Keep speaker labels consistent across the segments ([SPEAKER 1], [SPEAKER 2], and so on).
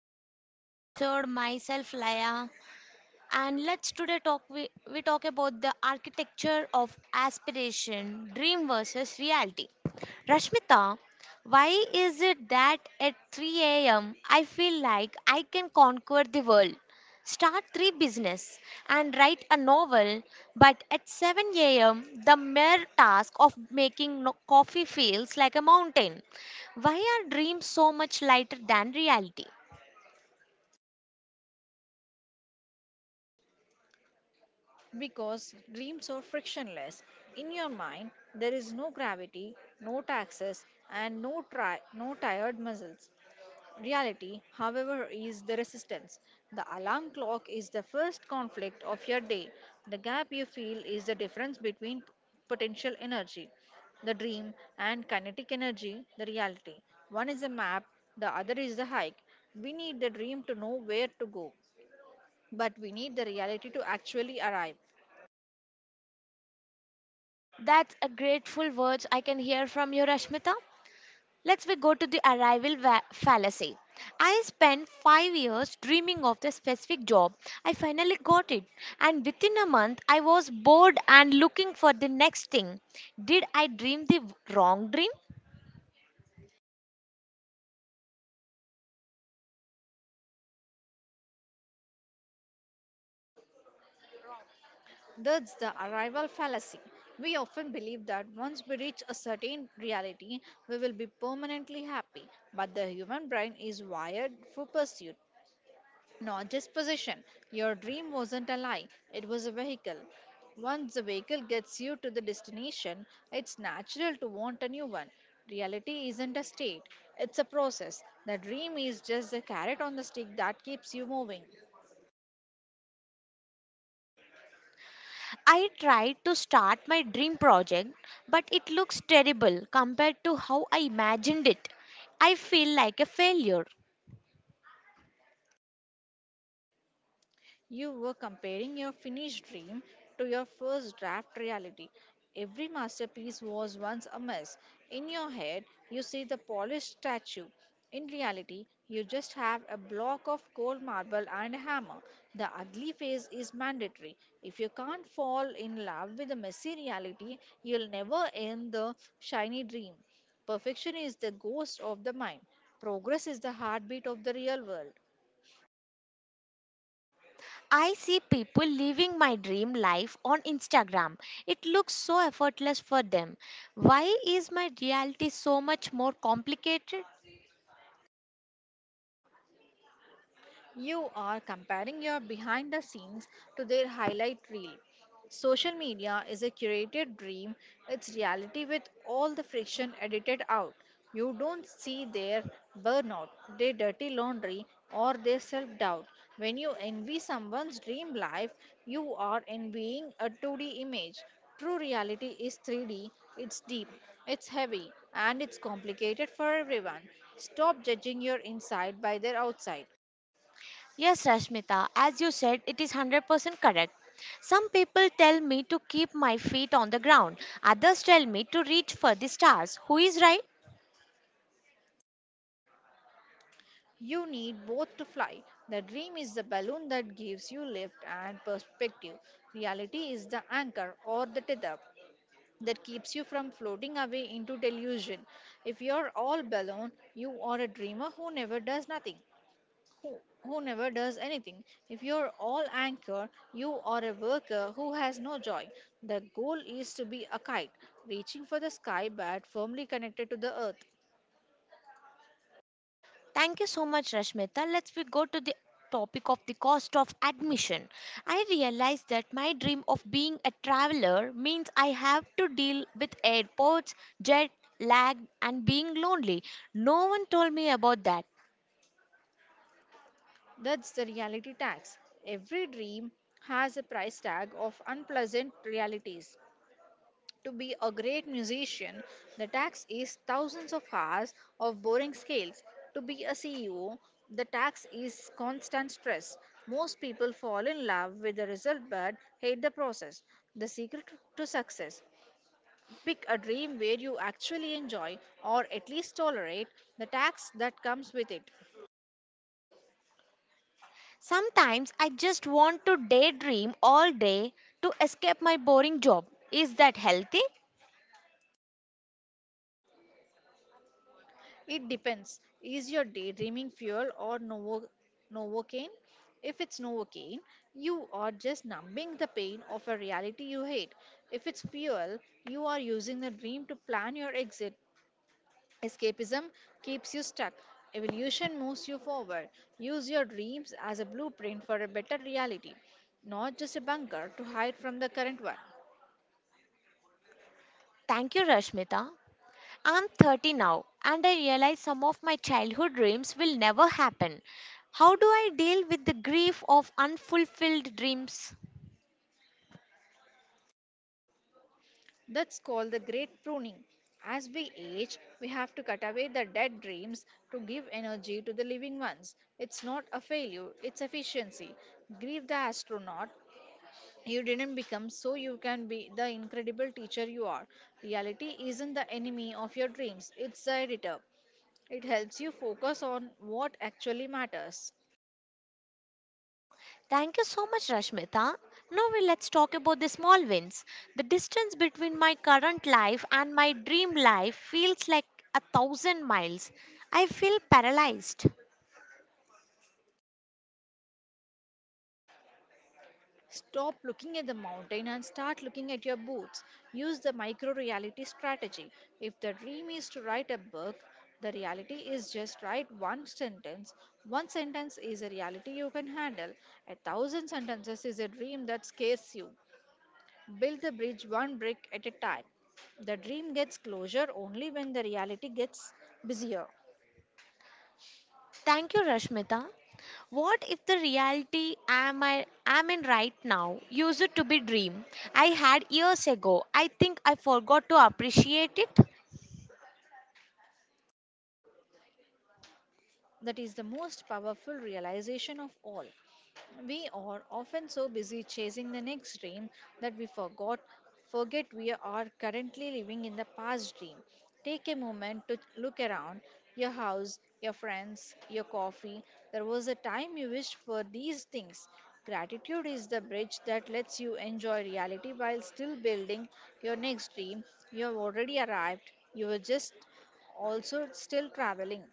[SPEAKER 1] welcome back to the episode. Myself, Laya, and let's today talk we talk about the architecture of aspiration, dream versus reality. Rashmita, why is it that at 3 a.m. I feel like I can conquer the world, start three business and write a novel, but at 7 a.m. the mere task of making coffee feels like a mountain? Why are dreams so much lighter than reality?
[SPEAKER 2] Because dreams are frictionless. In your mind, there is no gravity, no taxes, and no tired muscles. Reality, however, is the resistance. The alarm clock is the first conflict of your day. The gap you feel is the difference between potential energy, the dream, and kinetic energy, the reality. One is a map, the other is the hike. We need the dream to know where to go, but we need the reality to actually arrive.
[SPEAKER 1] That's a grateful words I can hear from you, Rashmita. Let's we go to the arrival fallacy. I spent 5 years dreaming of the specific job. I finally got it and within a month I was bored and looking for the next thing. Did I dream the wrong dream?
[SPEAKER 2] That's the arrival fallacy. We often believe that once we reach a certain reality, we will be permanently happy. But the human brain is wired for pursuit, not just possession. Your dream wasn't a lie, it was a vehicle. Once the vehicle gets you to the destination, it's natural to want a new one. Reality isn't a state, it's a process. The dream is just the carrot on the stick that keeps you moving.
[SPEAKER 1] I tried to start my dream project but it looks terrible compared to how I imagined it. I feel like a failure.
[SPEAKER 2] You were comparing your finished dream to your first draft reality. Every masterpiece was once a mess. In your head, you see the polished statue. In reality, you just have a block of cold marble and a hammer. The ugly phase is mandatory. If you can't fall in love with the messy reality, you'll never end the shiny dream. Perfection is the ghost of the mind. Progress is the heartbeat of the real world.
[SPEAKER 1] I see people living my dream life on Instagram. It looks so effortless for them. Why is my reality so much more complicated?
[SPEAKER 2] You are comparing your behind the scenes to their highlight reel. Social media is a curated dream, it's reality with all the friction edited out. You don't see their burnout, their dirty laundry, or their self doubt. When you envy someone's dream life, you are envying a 2D image. True reality is 3D, it's deep, it's heavy, and it's complicated for everyone. Stop judging your inside by their outside.
[SPEAKER 1] Yes, Rashmita, as you said, it is 100% correct. Some people tell me to keep my feet on the ground, others tell me to reach for the stars. Who is right?
[SPEAKER 2] You need both to fly. The dream is the balloon that gives you lift and perspective. Reality is the anchor or the tether that keeps you from floating away into delusion. If you're all balloon, you are a dreamer who never does nothing. Who, who never does anything. If you're all anchor, you are a worker who has no joy. The goal is to be a kite, reaching for the sky but firmly connected to the earth.
[SPEAKER 1] Thank you so much, Rashmita. Let's we go to the topic of the cost of admission. I realized that my dream of being a traveler means I have to deal with airports, jet lag, and being lonely. No one told me about that.
[SPEAKER 2] That's the reality tax. Every dream has a price tag of unpleasant realities. To be a great musician, the tax is thousands of hours of boring scales. To be a CEO, the tax is constant stress. Most people fall in love with the result but hate the process. The secret to success pick a dream where you actually enjoy or at least tolerate the tax that comes with it.
[SPEAKER 1] Sometimes I just want to daydream all day to escape my boring job. Is that healthy?
[SPEAKER 2] It depends. Is your daydreaming fuel or novocaine? If it's novocaine, you are just numbing the pain of a reality you hate. If it's fuel, you are using the dream to plan your exit. Escapism keeps you stuck. Evolution moves you forward. Use your dreams as a blueprint for a better reality, not just a bunker to hide from the current one.
[SPEAKER 1] Thank you, Rashmita. I'm 30 now and I realize some of my childhood dreams will never happen. How do I deal with the grief of unfulfilled dreams?
[SPEAKER 2] That's called the great pruning. As we age, we have to cut away the dead dreams to give energy to the living ones. It's not a failure, it's efficiency. Grieve the astronaut. You didn't become so you can be the incredible teacher you are. Reality isn't the enemy of your dreams, it's the editor. It helps you focus on what actually matters.
[SPEAKER 1] Thank you so much, Rashmita. Now we let's talk about the small wins. The distance between my current life and my dream life feels like 1,000 miles. I feel paralyzed.
[SPEAKER 2] Stop looking at the mountain and start looking at your boots. Use the micro reality strategy. If the dream is to write a book, the reality is just write one sentence. One sentence is a reality you can handle. A thousand sentences is a dream that scares you. Build the bridge one brick at a time. The dream gets closure only when the reality gets busier.
[SPEAKER 1] Thank you, Rashmita. What if the reality am I am in right now used to be dream I had years ago? I think I forgot to appreciate it.
[SPEAKER 2] That is the most powerful realization of all. We are often so busy chasing the next dream that we forgot forget we are currently living in the past dream. Take a moment to look around your house, your friends, your coffee. There was a time you wished for these things. Gratitude is the bridge that lets you enjoy reality while still building your next dream. You have already arrived. You were just also still traveling.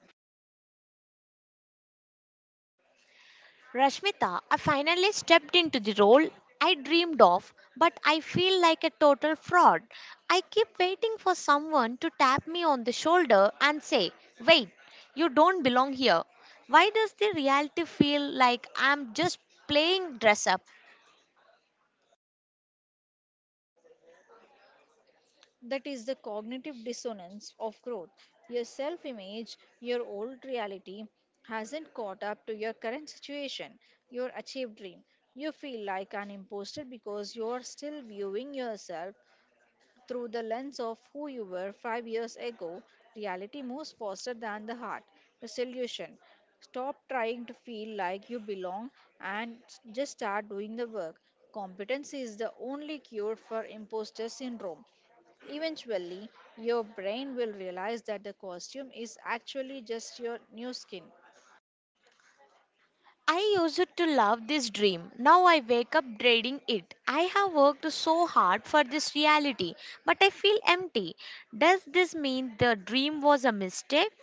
[SPEAKER 1] Rashmita, I finally stepped into the role I dreamed of, but I feel like a total fraud. I keep waiting for someone to tap me on the shoulder and say, "Wait, you don't belong here." Why does the reality feel like I'm just playing dress up?
[SPEAKER 2] That is the cognitive dissonance of growth. Your self image, your old reality, hasn't caught up to your current situation, your achieved dream. You feel like an imposter because you are still viewing yourself through the lens of who you were 5 years ago, reality moves faster than the heart. Resolution: stop trying to feel like you belong and just start doing the work. Competency is the only cure for imposter syndrome. Eventually, your brain will realize that the costume is actually just your new skin.
[SPEAKER 1] I used to love this dream. Now I wake up dreading it. I have worked so hard for this reality, but I feel empty. Does this mean the dream was a mistake?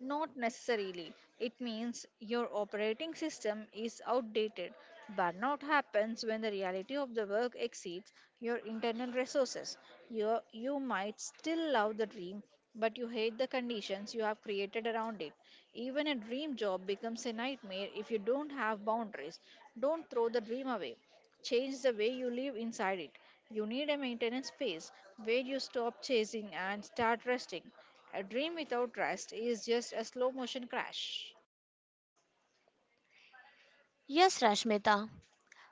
[SPEAKER 2] Not necessarily. It means your operating system is outdated. Burnout happens when the reality of the work exceeds your internal resources. You might still love the dream, but you hate the conditions you have created around it. Even a dream job becomes a nightmare if you don't have boundaries. Don't throw the dream away. Change the way you live inside it. You need a maintenance phase where you stop chasing and start resting. A dream without rest is just a slow motion crash.
[SPEAKER 1] Yes, Rashmita.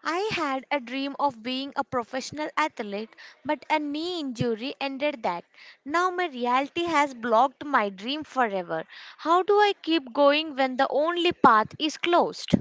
[SPEAKER 1] I had a dream of being a professional athlete, but a knee injury ended that. Now my reality has blocked my dream forever. How do I keep going when the only path is closed?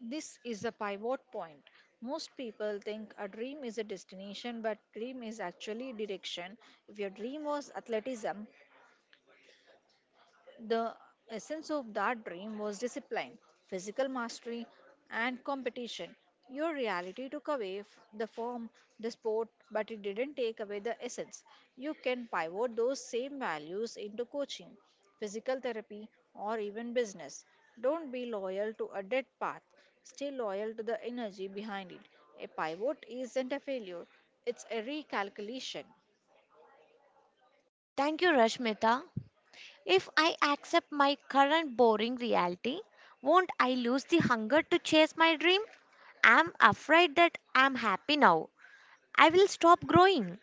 [SPEAKER 2] This is the pivot point. Most people think a dream is a destination, but dream is actually direction. If your dream was athleticism, the essence of that dream was discipline, physical mastery, and competition. Your reality took away the form, the sport, but it didn't take away the essence. You can pivot those same values into coaching, physical therapy, or even business. Don't be loyal to a dead path, stay loyal to the energy behind it. A pivot isn't a failure, it's a recalculation.
[SPEAKER 1] Thank you, Rashmita. If I accept my current boring reality, won't I lose the hunger to chase my dream? I'm afraid that I'm happy now, I will stop growing.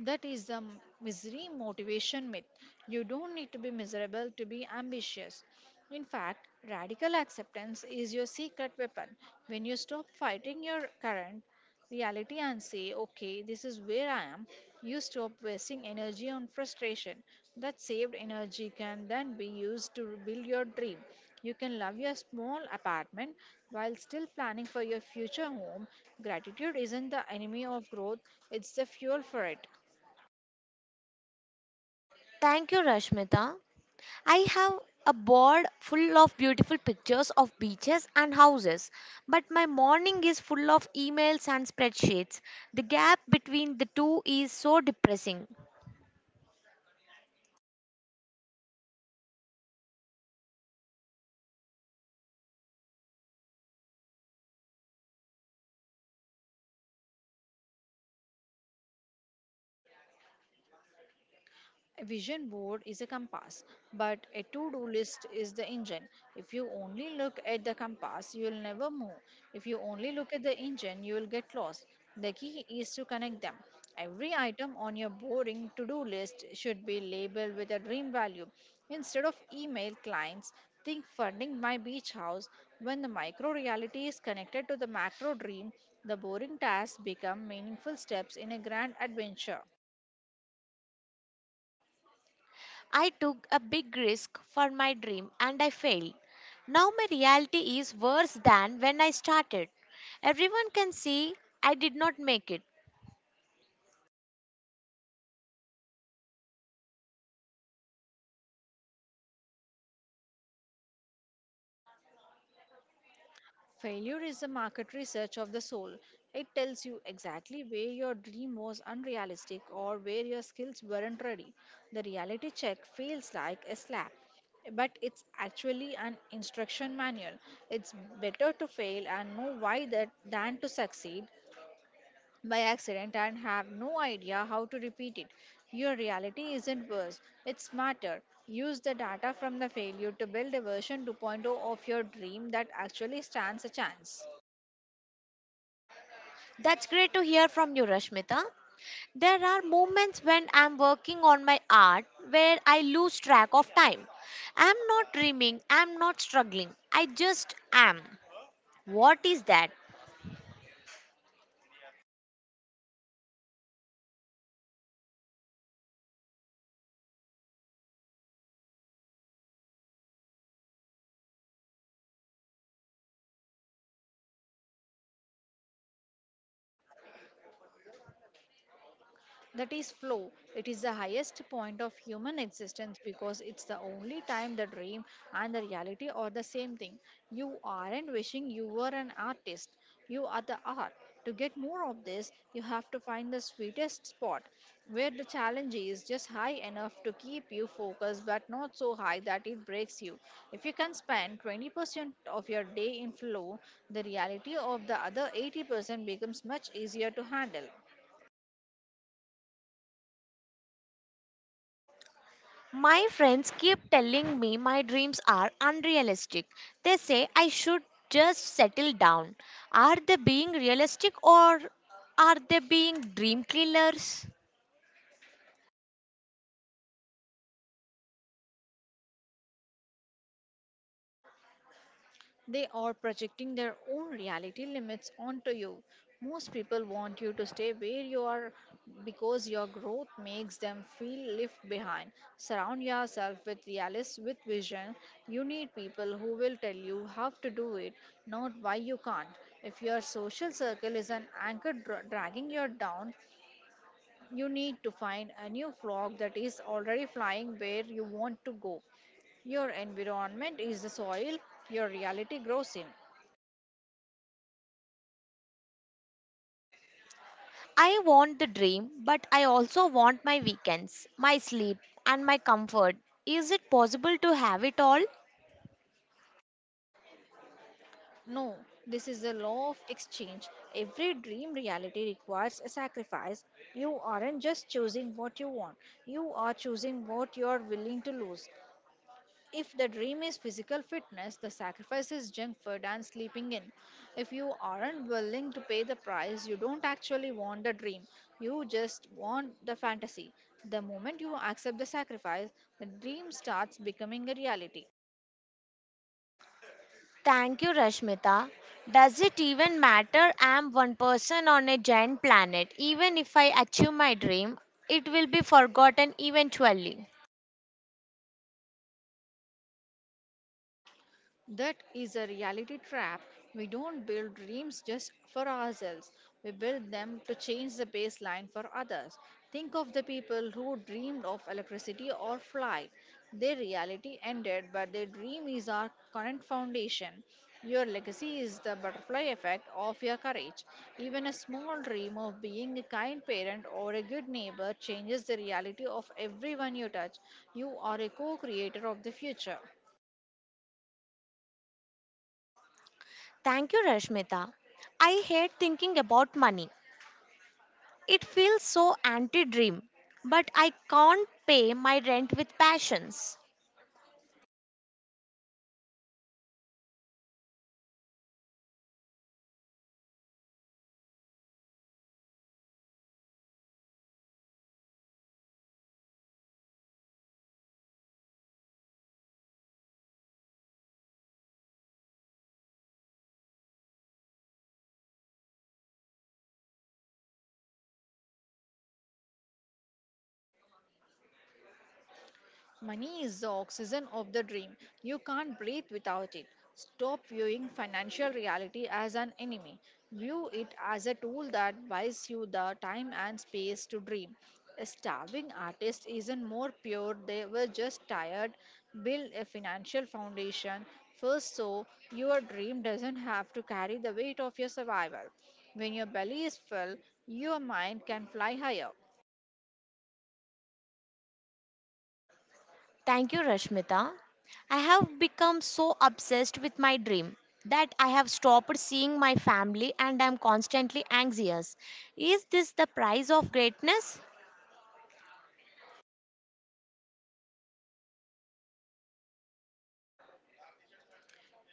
[SPEAKER 2] That is the misery motivation myth. You don't need to be miserable to be ambitious. In fact, radical acceptance is your secret weapon. When you stop fighting your current reality and say, okay, this is where I am, you stop wasting energy on frustration. That saved energy can then be used to build your dream. You can love your small apartment while still planning for your future home. Gratitude isn't the enemy of growth, it's the fuel for it.
[SPEAKER 1] Thank you, Rashmita. I have a board full of beautiful pictures of beaches and houses, but my morning is full of emails and spreadsheets. The gap between the two is so depressing.
[SPEAKER 2] A vision board is a compass, but a to do list is the engine. If you only look at the compass, you will never move. If you only look at the engine, you will get lost. The key is to connect them. Every item on your boring to do list should be labeled with a dream value. Instead of email clients, think funding my beach house. When the micro reality is connected to the macro dream, the boring tasks become meaningful steps in a grand adventure.
[SPEAKER 1] I took a big risk for my dream and I failed. Now my reality is worse than when I started. Everyone can see I did not make it.
[SPEAKER 2] Failure is the market research of the soul. It tells you exactly where your dream was unrealistic or where your skills weren't ready. The reality check feels like a slap, but it's actually an instruction manual. It's better to fail and know why that than to succeed by accident and have no idea how to repeat it. Your reality isn't worse, it's smarter. Use the data from the failure to build a version 2.0 of your dream that actually stands a chance.
[SPEAKER 1] That's great to hear from you, Rashmita. There are moments when I'm working on my art where I lose track of time. I'm not dreaming, I'm not struggling, I just am. What is that?
[SPEAKER 2] That is flow. It is the highest point of human existence because it's the only time the dream and the reality are the same thing. You aren't wishing you were an artist, you are the art. To get more of this, you have to find the sweetest spot where the challenge is just high enough to keep you focused but not so high that it breaks you. If you can spend 20% of your day in flow, the reality of the other 80% becomes much easier to handle.
[SPEAKER 1] My friends keep telling me my dreams are unrealistic. They say I should just settle down. Are they being realistic or are they being dream killers?
[SPEAKER 2] They are projecting their own reality limits onto you. Most people want you to stay where you are because your growth makes them feel left behind. Surround yourself with realists with vision. You need people who will tell you how to do it, not why you can't. If your social circle is an anchor dragging you down, you need to find a new flock that is already flying where you want to go. Your environment is the soil your reality grows in.
[SPEAKER 1] I want the dream, but I also want my weekends, my sleep, and my comfort. Is it possible to have it all?
[SPEAKER 2] No, this is the law of exchange. Every dream reality requires a sacrifice. You aren't just choosing what you want, you are choosing what you are willing to lose. If the dream is physical fitness, the sacrifice is junk food and sleeping in. If you aren't willing to pay the price, you don't actually want the dream. You just want the fantasy. The moment you accept the sacrifice, the dream starts becoming a reality.
[SPEAKER 1] Thank you, Rashmita. Does it even matter? I'm one person on a giant planet. Even if I achieve my dream, it will be forgotten eventually.
[SPEAKER 2] That is a reality trap. We don't build dreams just for ourselves. We build them to change the baseline for others. Think of the people who dreamed of electricity or flight. Their reality ended, but their dream is our current foundation. Your legacy is the butterfly effect of your courage. Even a small dream of being a kind parent or a good neighbor changes the reality of everyone you touch. You are a co creator of the future.
[SPEAKER 1] Thank you, Rashmita. I hate thinking about money. It feels so anti dream, but I can't pay my rent with passions.
[SPEAKER 2] Money is the oxygen of the dream. You can't breathe without it. Stop viewing financial reality as an enemy. View it as a tool that buys you the time and space to dream. A starving artist isn't more pure, they were just tired. Build a financial foundation first so your dream doesn't have to carry the weight of your survival. When your belly is full, your mind can fly higher.
[SPEAKER 1] Thank you, Rashmita. I have become so obsessed with my dream that I have stopped seeing my family and I'm constantly anxious. Is this the price of greatness?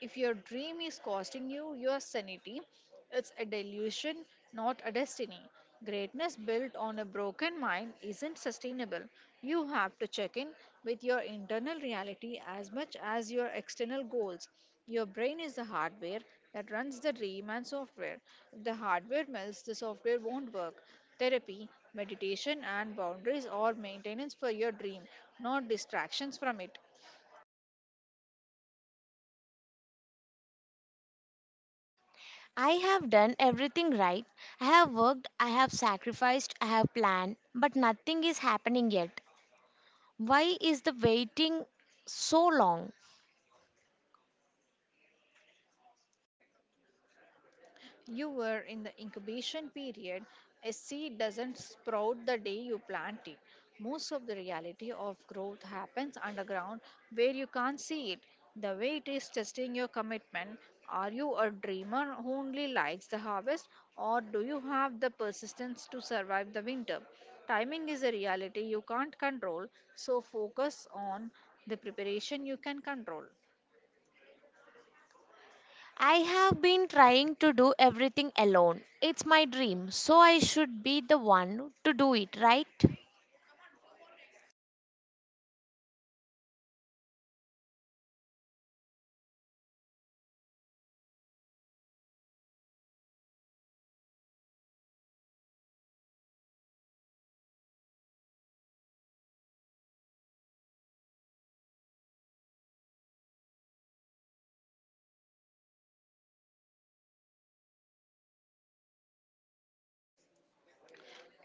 [SPEAKER 2] If your dream is costing you your sanity, it's a delusion, not a destiny. Greatness built on a broken mind isn't sustainable. You have to check in with your internal reality as much as your external goals. Your brain is the hardware that runs the dream and software. If the hardware melts, the software won't work. Therapy, meditation, and boundaries are maintenance for your dream, not distractions from it.
[SPEAKER 1] I have done everything right. I have worked, I have sacrificed, I have planned, but nothing is happening yet. Why is the waiting so long?
[SPEAKER 2] You were in the incubation period. A seed doesn't sprout the day you plant it. Most of the reality of growth happens underground where you can't see it. The way it is testing your commitment. Are you a dreamer who only likes the harvest, or do you have the persistence to survive the winter? Timing is a reality you can't control, so focus on the preparation you can control.
[SPEAKER 1] I have been trying to do everything alone. It's my dream, so I should be the one to do it, right?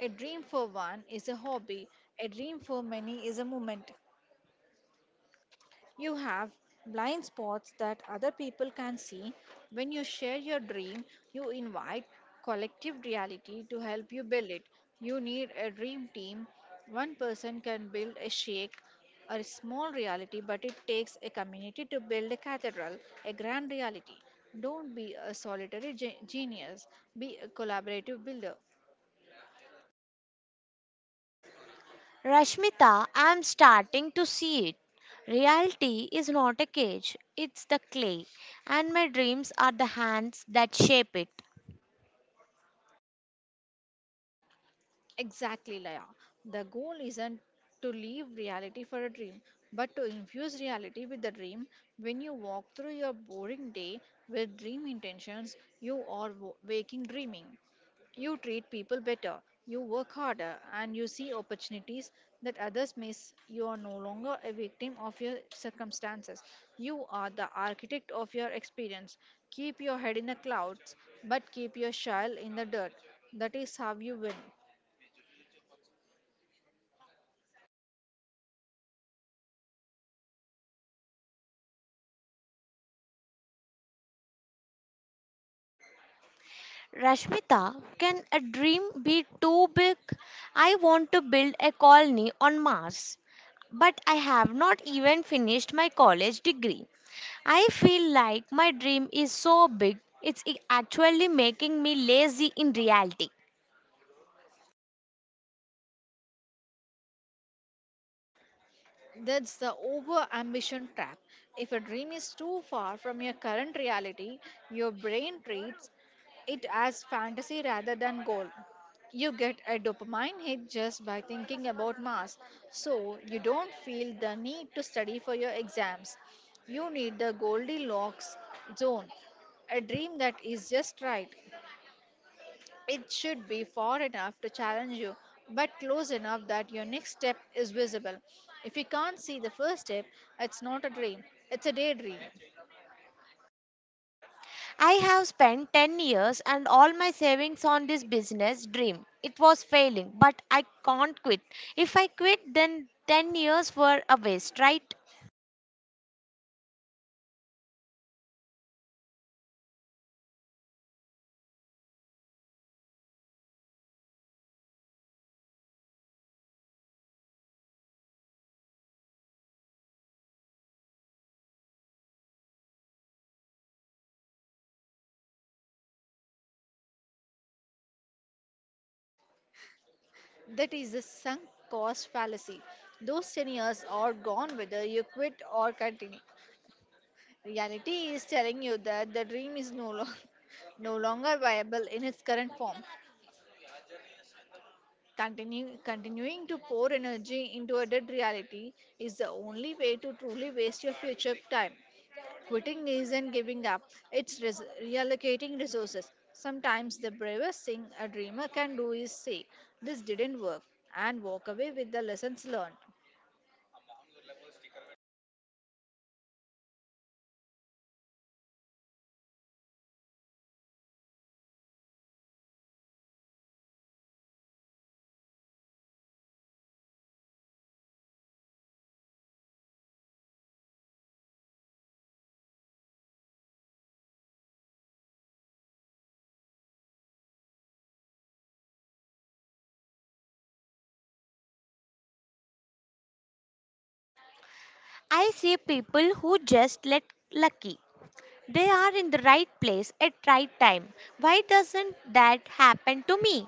[SPEAKER 2] A dream for one is a hobby, a dream for many is a moment. You have blind spots that other people can see. When you share your dream, you invite collective reality to help you build it. You need a dream team. One person can build a shake or a small reality, but it takes a community to build a cathedral, a grand reality. Don't be a solitary genius, be a collaborative builder.
[SPEAKER 1] Rashmita, I'm starting to see it. Reality is not a cage, it's the clay, and my dreams are the hands that shape it.
[SPEAKER 2] Exactly, Laya. The goal isn't to leave reality for a dream, but to infuse reality with the dream. When you walk through your boring day with dream intentions, you are waking dreaming. You treat people better, you work harder, and you see opportunities that others miss. You are no longer a victim of your circumstances. You are the architect of your experience. Keep your head in the clouds, but keep your shell in the dirt. That is how you win.
[SPEAKER 1] Rashmita, can a dream be too big? I want to build a colony on Mars, but I have not even finished my college degree. I feel like my dream is so big, it's actually making me lazy in reality.
[SPEAKER 2] That's the over ambition trap. If a dream is too far from your current reality, your brain treats it as fantasy rather than goal. You get a dopamine hit just by thinking about Mars, so you don't feel the need to study for your exams. You need the Goldilocks zone, a dream that is just right. It should be far enough to challenge you, but close enough that your next step is visible. If you can't see the first step, it's not a dream, it's a daydream.
[SPEAKER 1] I have spent 10 years and all my savings on this business dream. It was failing, but I can't quit. If I quit, then 10 years were a waste, right?
[SPEAKER 2] That is the sunk cost fallacy. Those 10 years are gone whether you quit or continue. Reality is telling you that the dream is no longer viable in its current form. Continuing to pour energy into a dead reality is the only way to truly waste your future time. Quitting isn't giving up, it's reallocating resources. Sometimes the bravest thing a dreamer can do is say, "This didn't work," and walk away with the lessons learned.
[SPEAKER 1] I see people who just let lucky. They are in the right place at right time. Why doesn't that happen to me?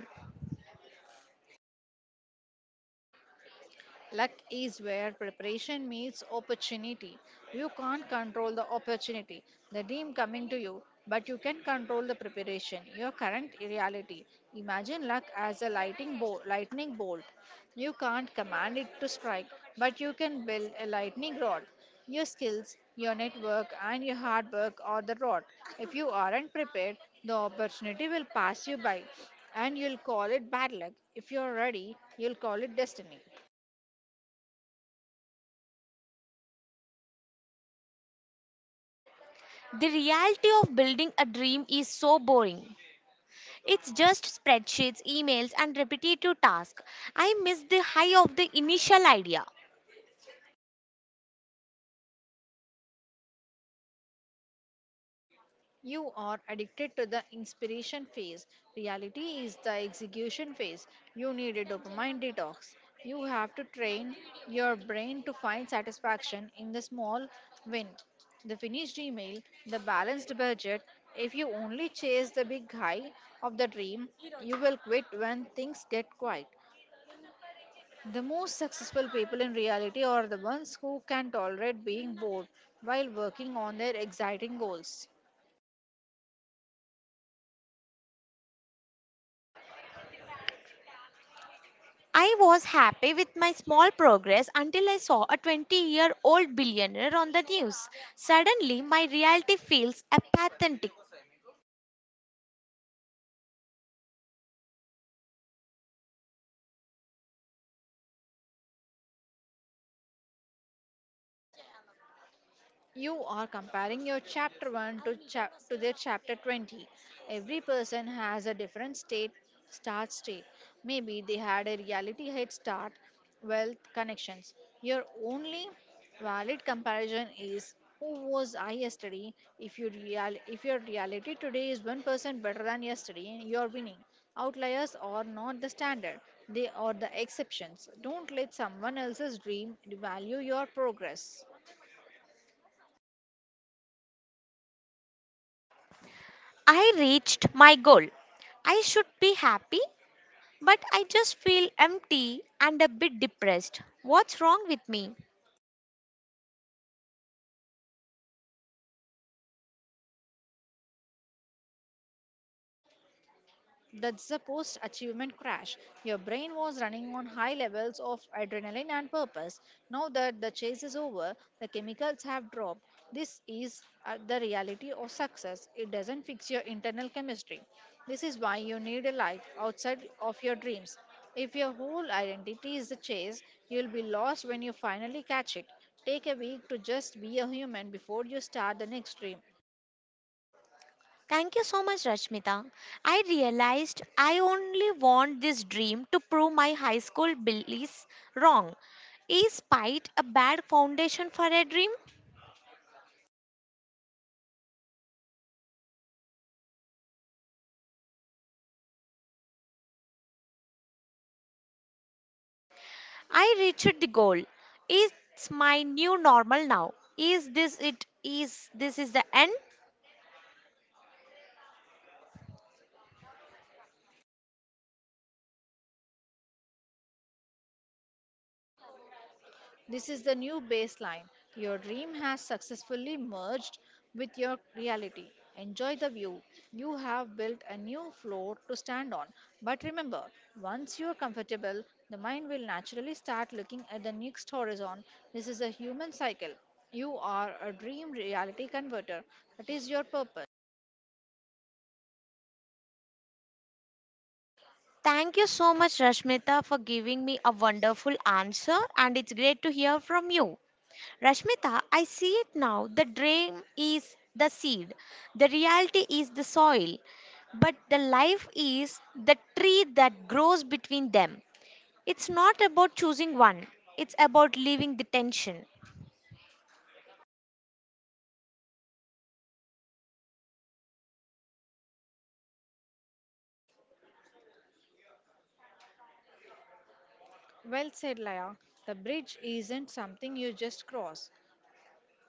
[SPEAKER 2] Luck is where preparation meets opportunity. You can't control the opportunity, the dream coming to you, but you can control the preparation, your current reality. Imagine luck as a lightning bolt. You can't command it to strike, but you can build a lightning rod. Your skills, your network, and your hard work are the rod. If you aren't prepared, the opportunity will pass you by, and you'll call it bad luck. If you're ready, you'll call it destiny.
[SPEAKER 1] The reality of building a dream is so boring. It's just spreadsheets, emails, and repetitive tasks. I miss the high of the initial idea.
[SPEAKER 2] You are addicted to the inspiration phase. Reality is the execution phase. You need a dopamine detox. You have to train your brain to find satisfaction in the small win, the finished email, the balanced budget. If you only chase the big high of the dream, you will quit when things get quiet. The most successful people in reality are the ones who can tolerate being bored while working on their exciting goals.
[SPEAKER 1] I was happy with my small progress until I saw a 20-year-old billionaire on the news. Suddenly, my reality feels apathetic.
[SPEAKER 2] You are comparing your chapter 1 to their chapter 20. Every person has a different start state. Maybe they had a reality head start, wealth, connections. Your only valid comparison is, who was I yesterday? If your reality today is 1% better than yesterday, you're winning. Outliers are not the standard, they are the exceptions. Don't let someone else's dream devalue your progress.
[SPEAKER 1] I reached my goal. I should be happy, but I just feel empty and a bit depressed. What's wrong with me?
[SPEAKER 2] That's the post achievement crash. Your brain was running on high levels of adrenaline and purpose. Now that the chase is over, the chemicals have dropped. This is the reality of success. It doesn't fix your internal chemistry. This is why you need a life outside of your dreams. If your whole identity is the chase, you'll be lost when you finally catch it. Take a week to just be a human before you start the next dream.
[SPEAKER 1] Thank you so much, Rashmita. I realized I only want this dream to prove my high school beliefs wrong. Is spite a bad foundation for a dream? I reached the goal. Is my new normal now? Is this it? Is this is the end?
[SPEAKER 2] This is the new baseline. Your dream has successfully merged with your reality. Enjoy the view. You have built a new floor to stand on. But remember, once you are comfortable, the mind will naturally start looking at the next horizon. This is a human cycle. You are a dream reality converter. That is your purpose.
[SPEAKER 1] Thank you so much, Rashmita, for giving me a wonderful answer, and it's great to hear from you. Rashmita, I see it now. The dream is the seed, the reality is the soil, but the life is the tree that grows between them. It's not about choosing one, it's about leaving the tension.
[SPEAKER 2] Well said, Laya. The bridge isn't something you just cross.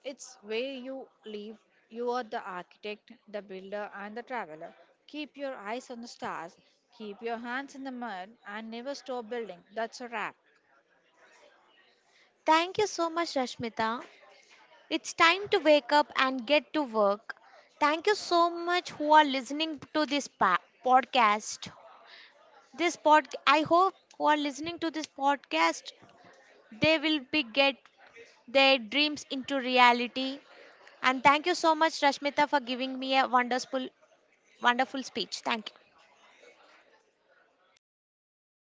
[SPEAKER 2] It's where you live. You are the architect, the builder, and the traveler. Keep your eyes on the stars, keep your hands in the mud, and never stop building. That's a wrap.
[SPEAKER 1] Thank you so much, Rashmita. It's time to wake up and get to work. Thank you so much who are listening to this podcast. This pod I hope who are listening to this podcast they will be get their dreams into reality. And thank you so much Rashmita for giving me a wonderful speech. Thank you.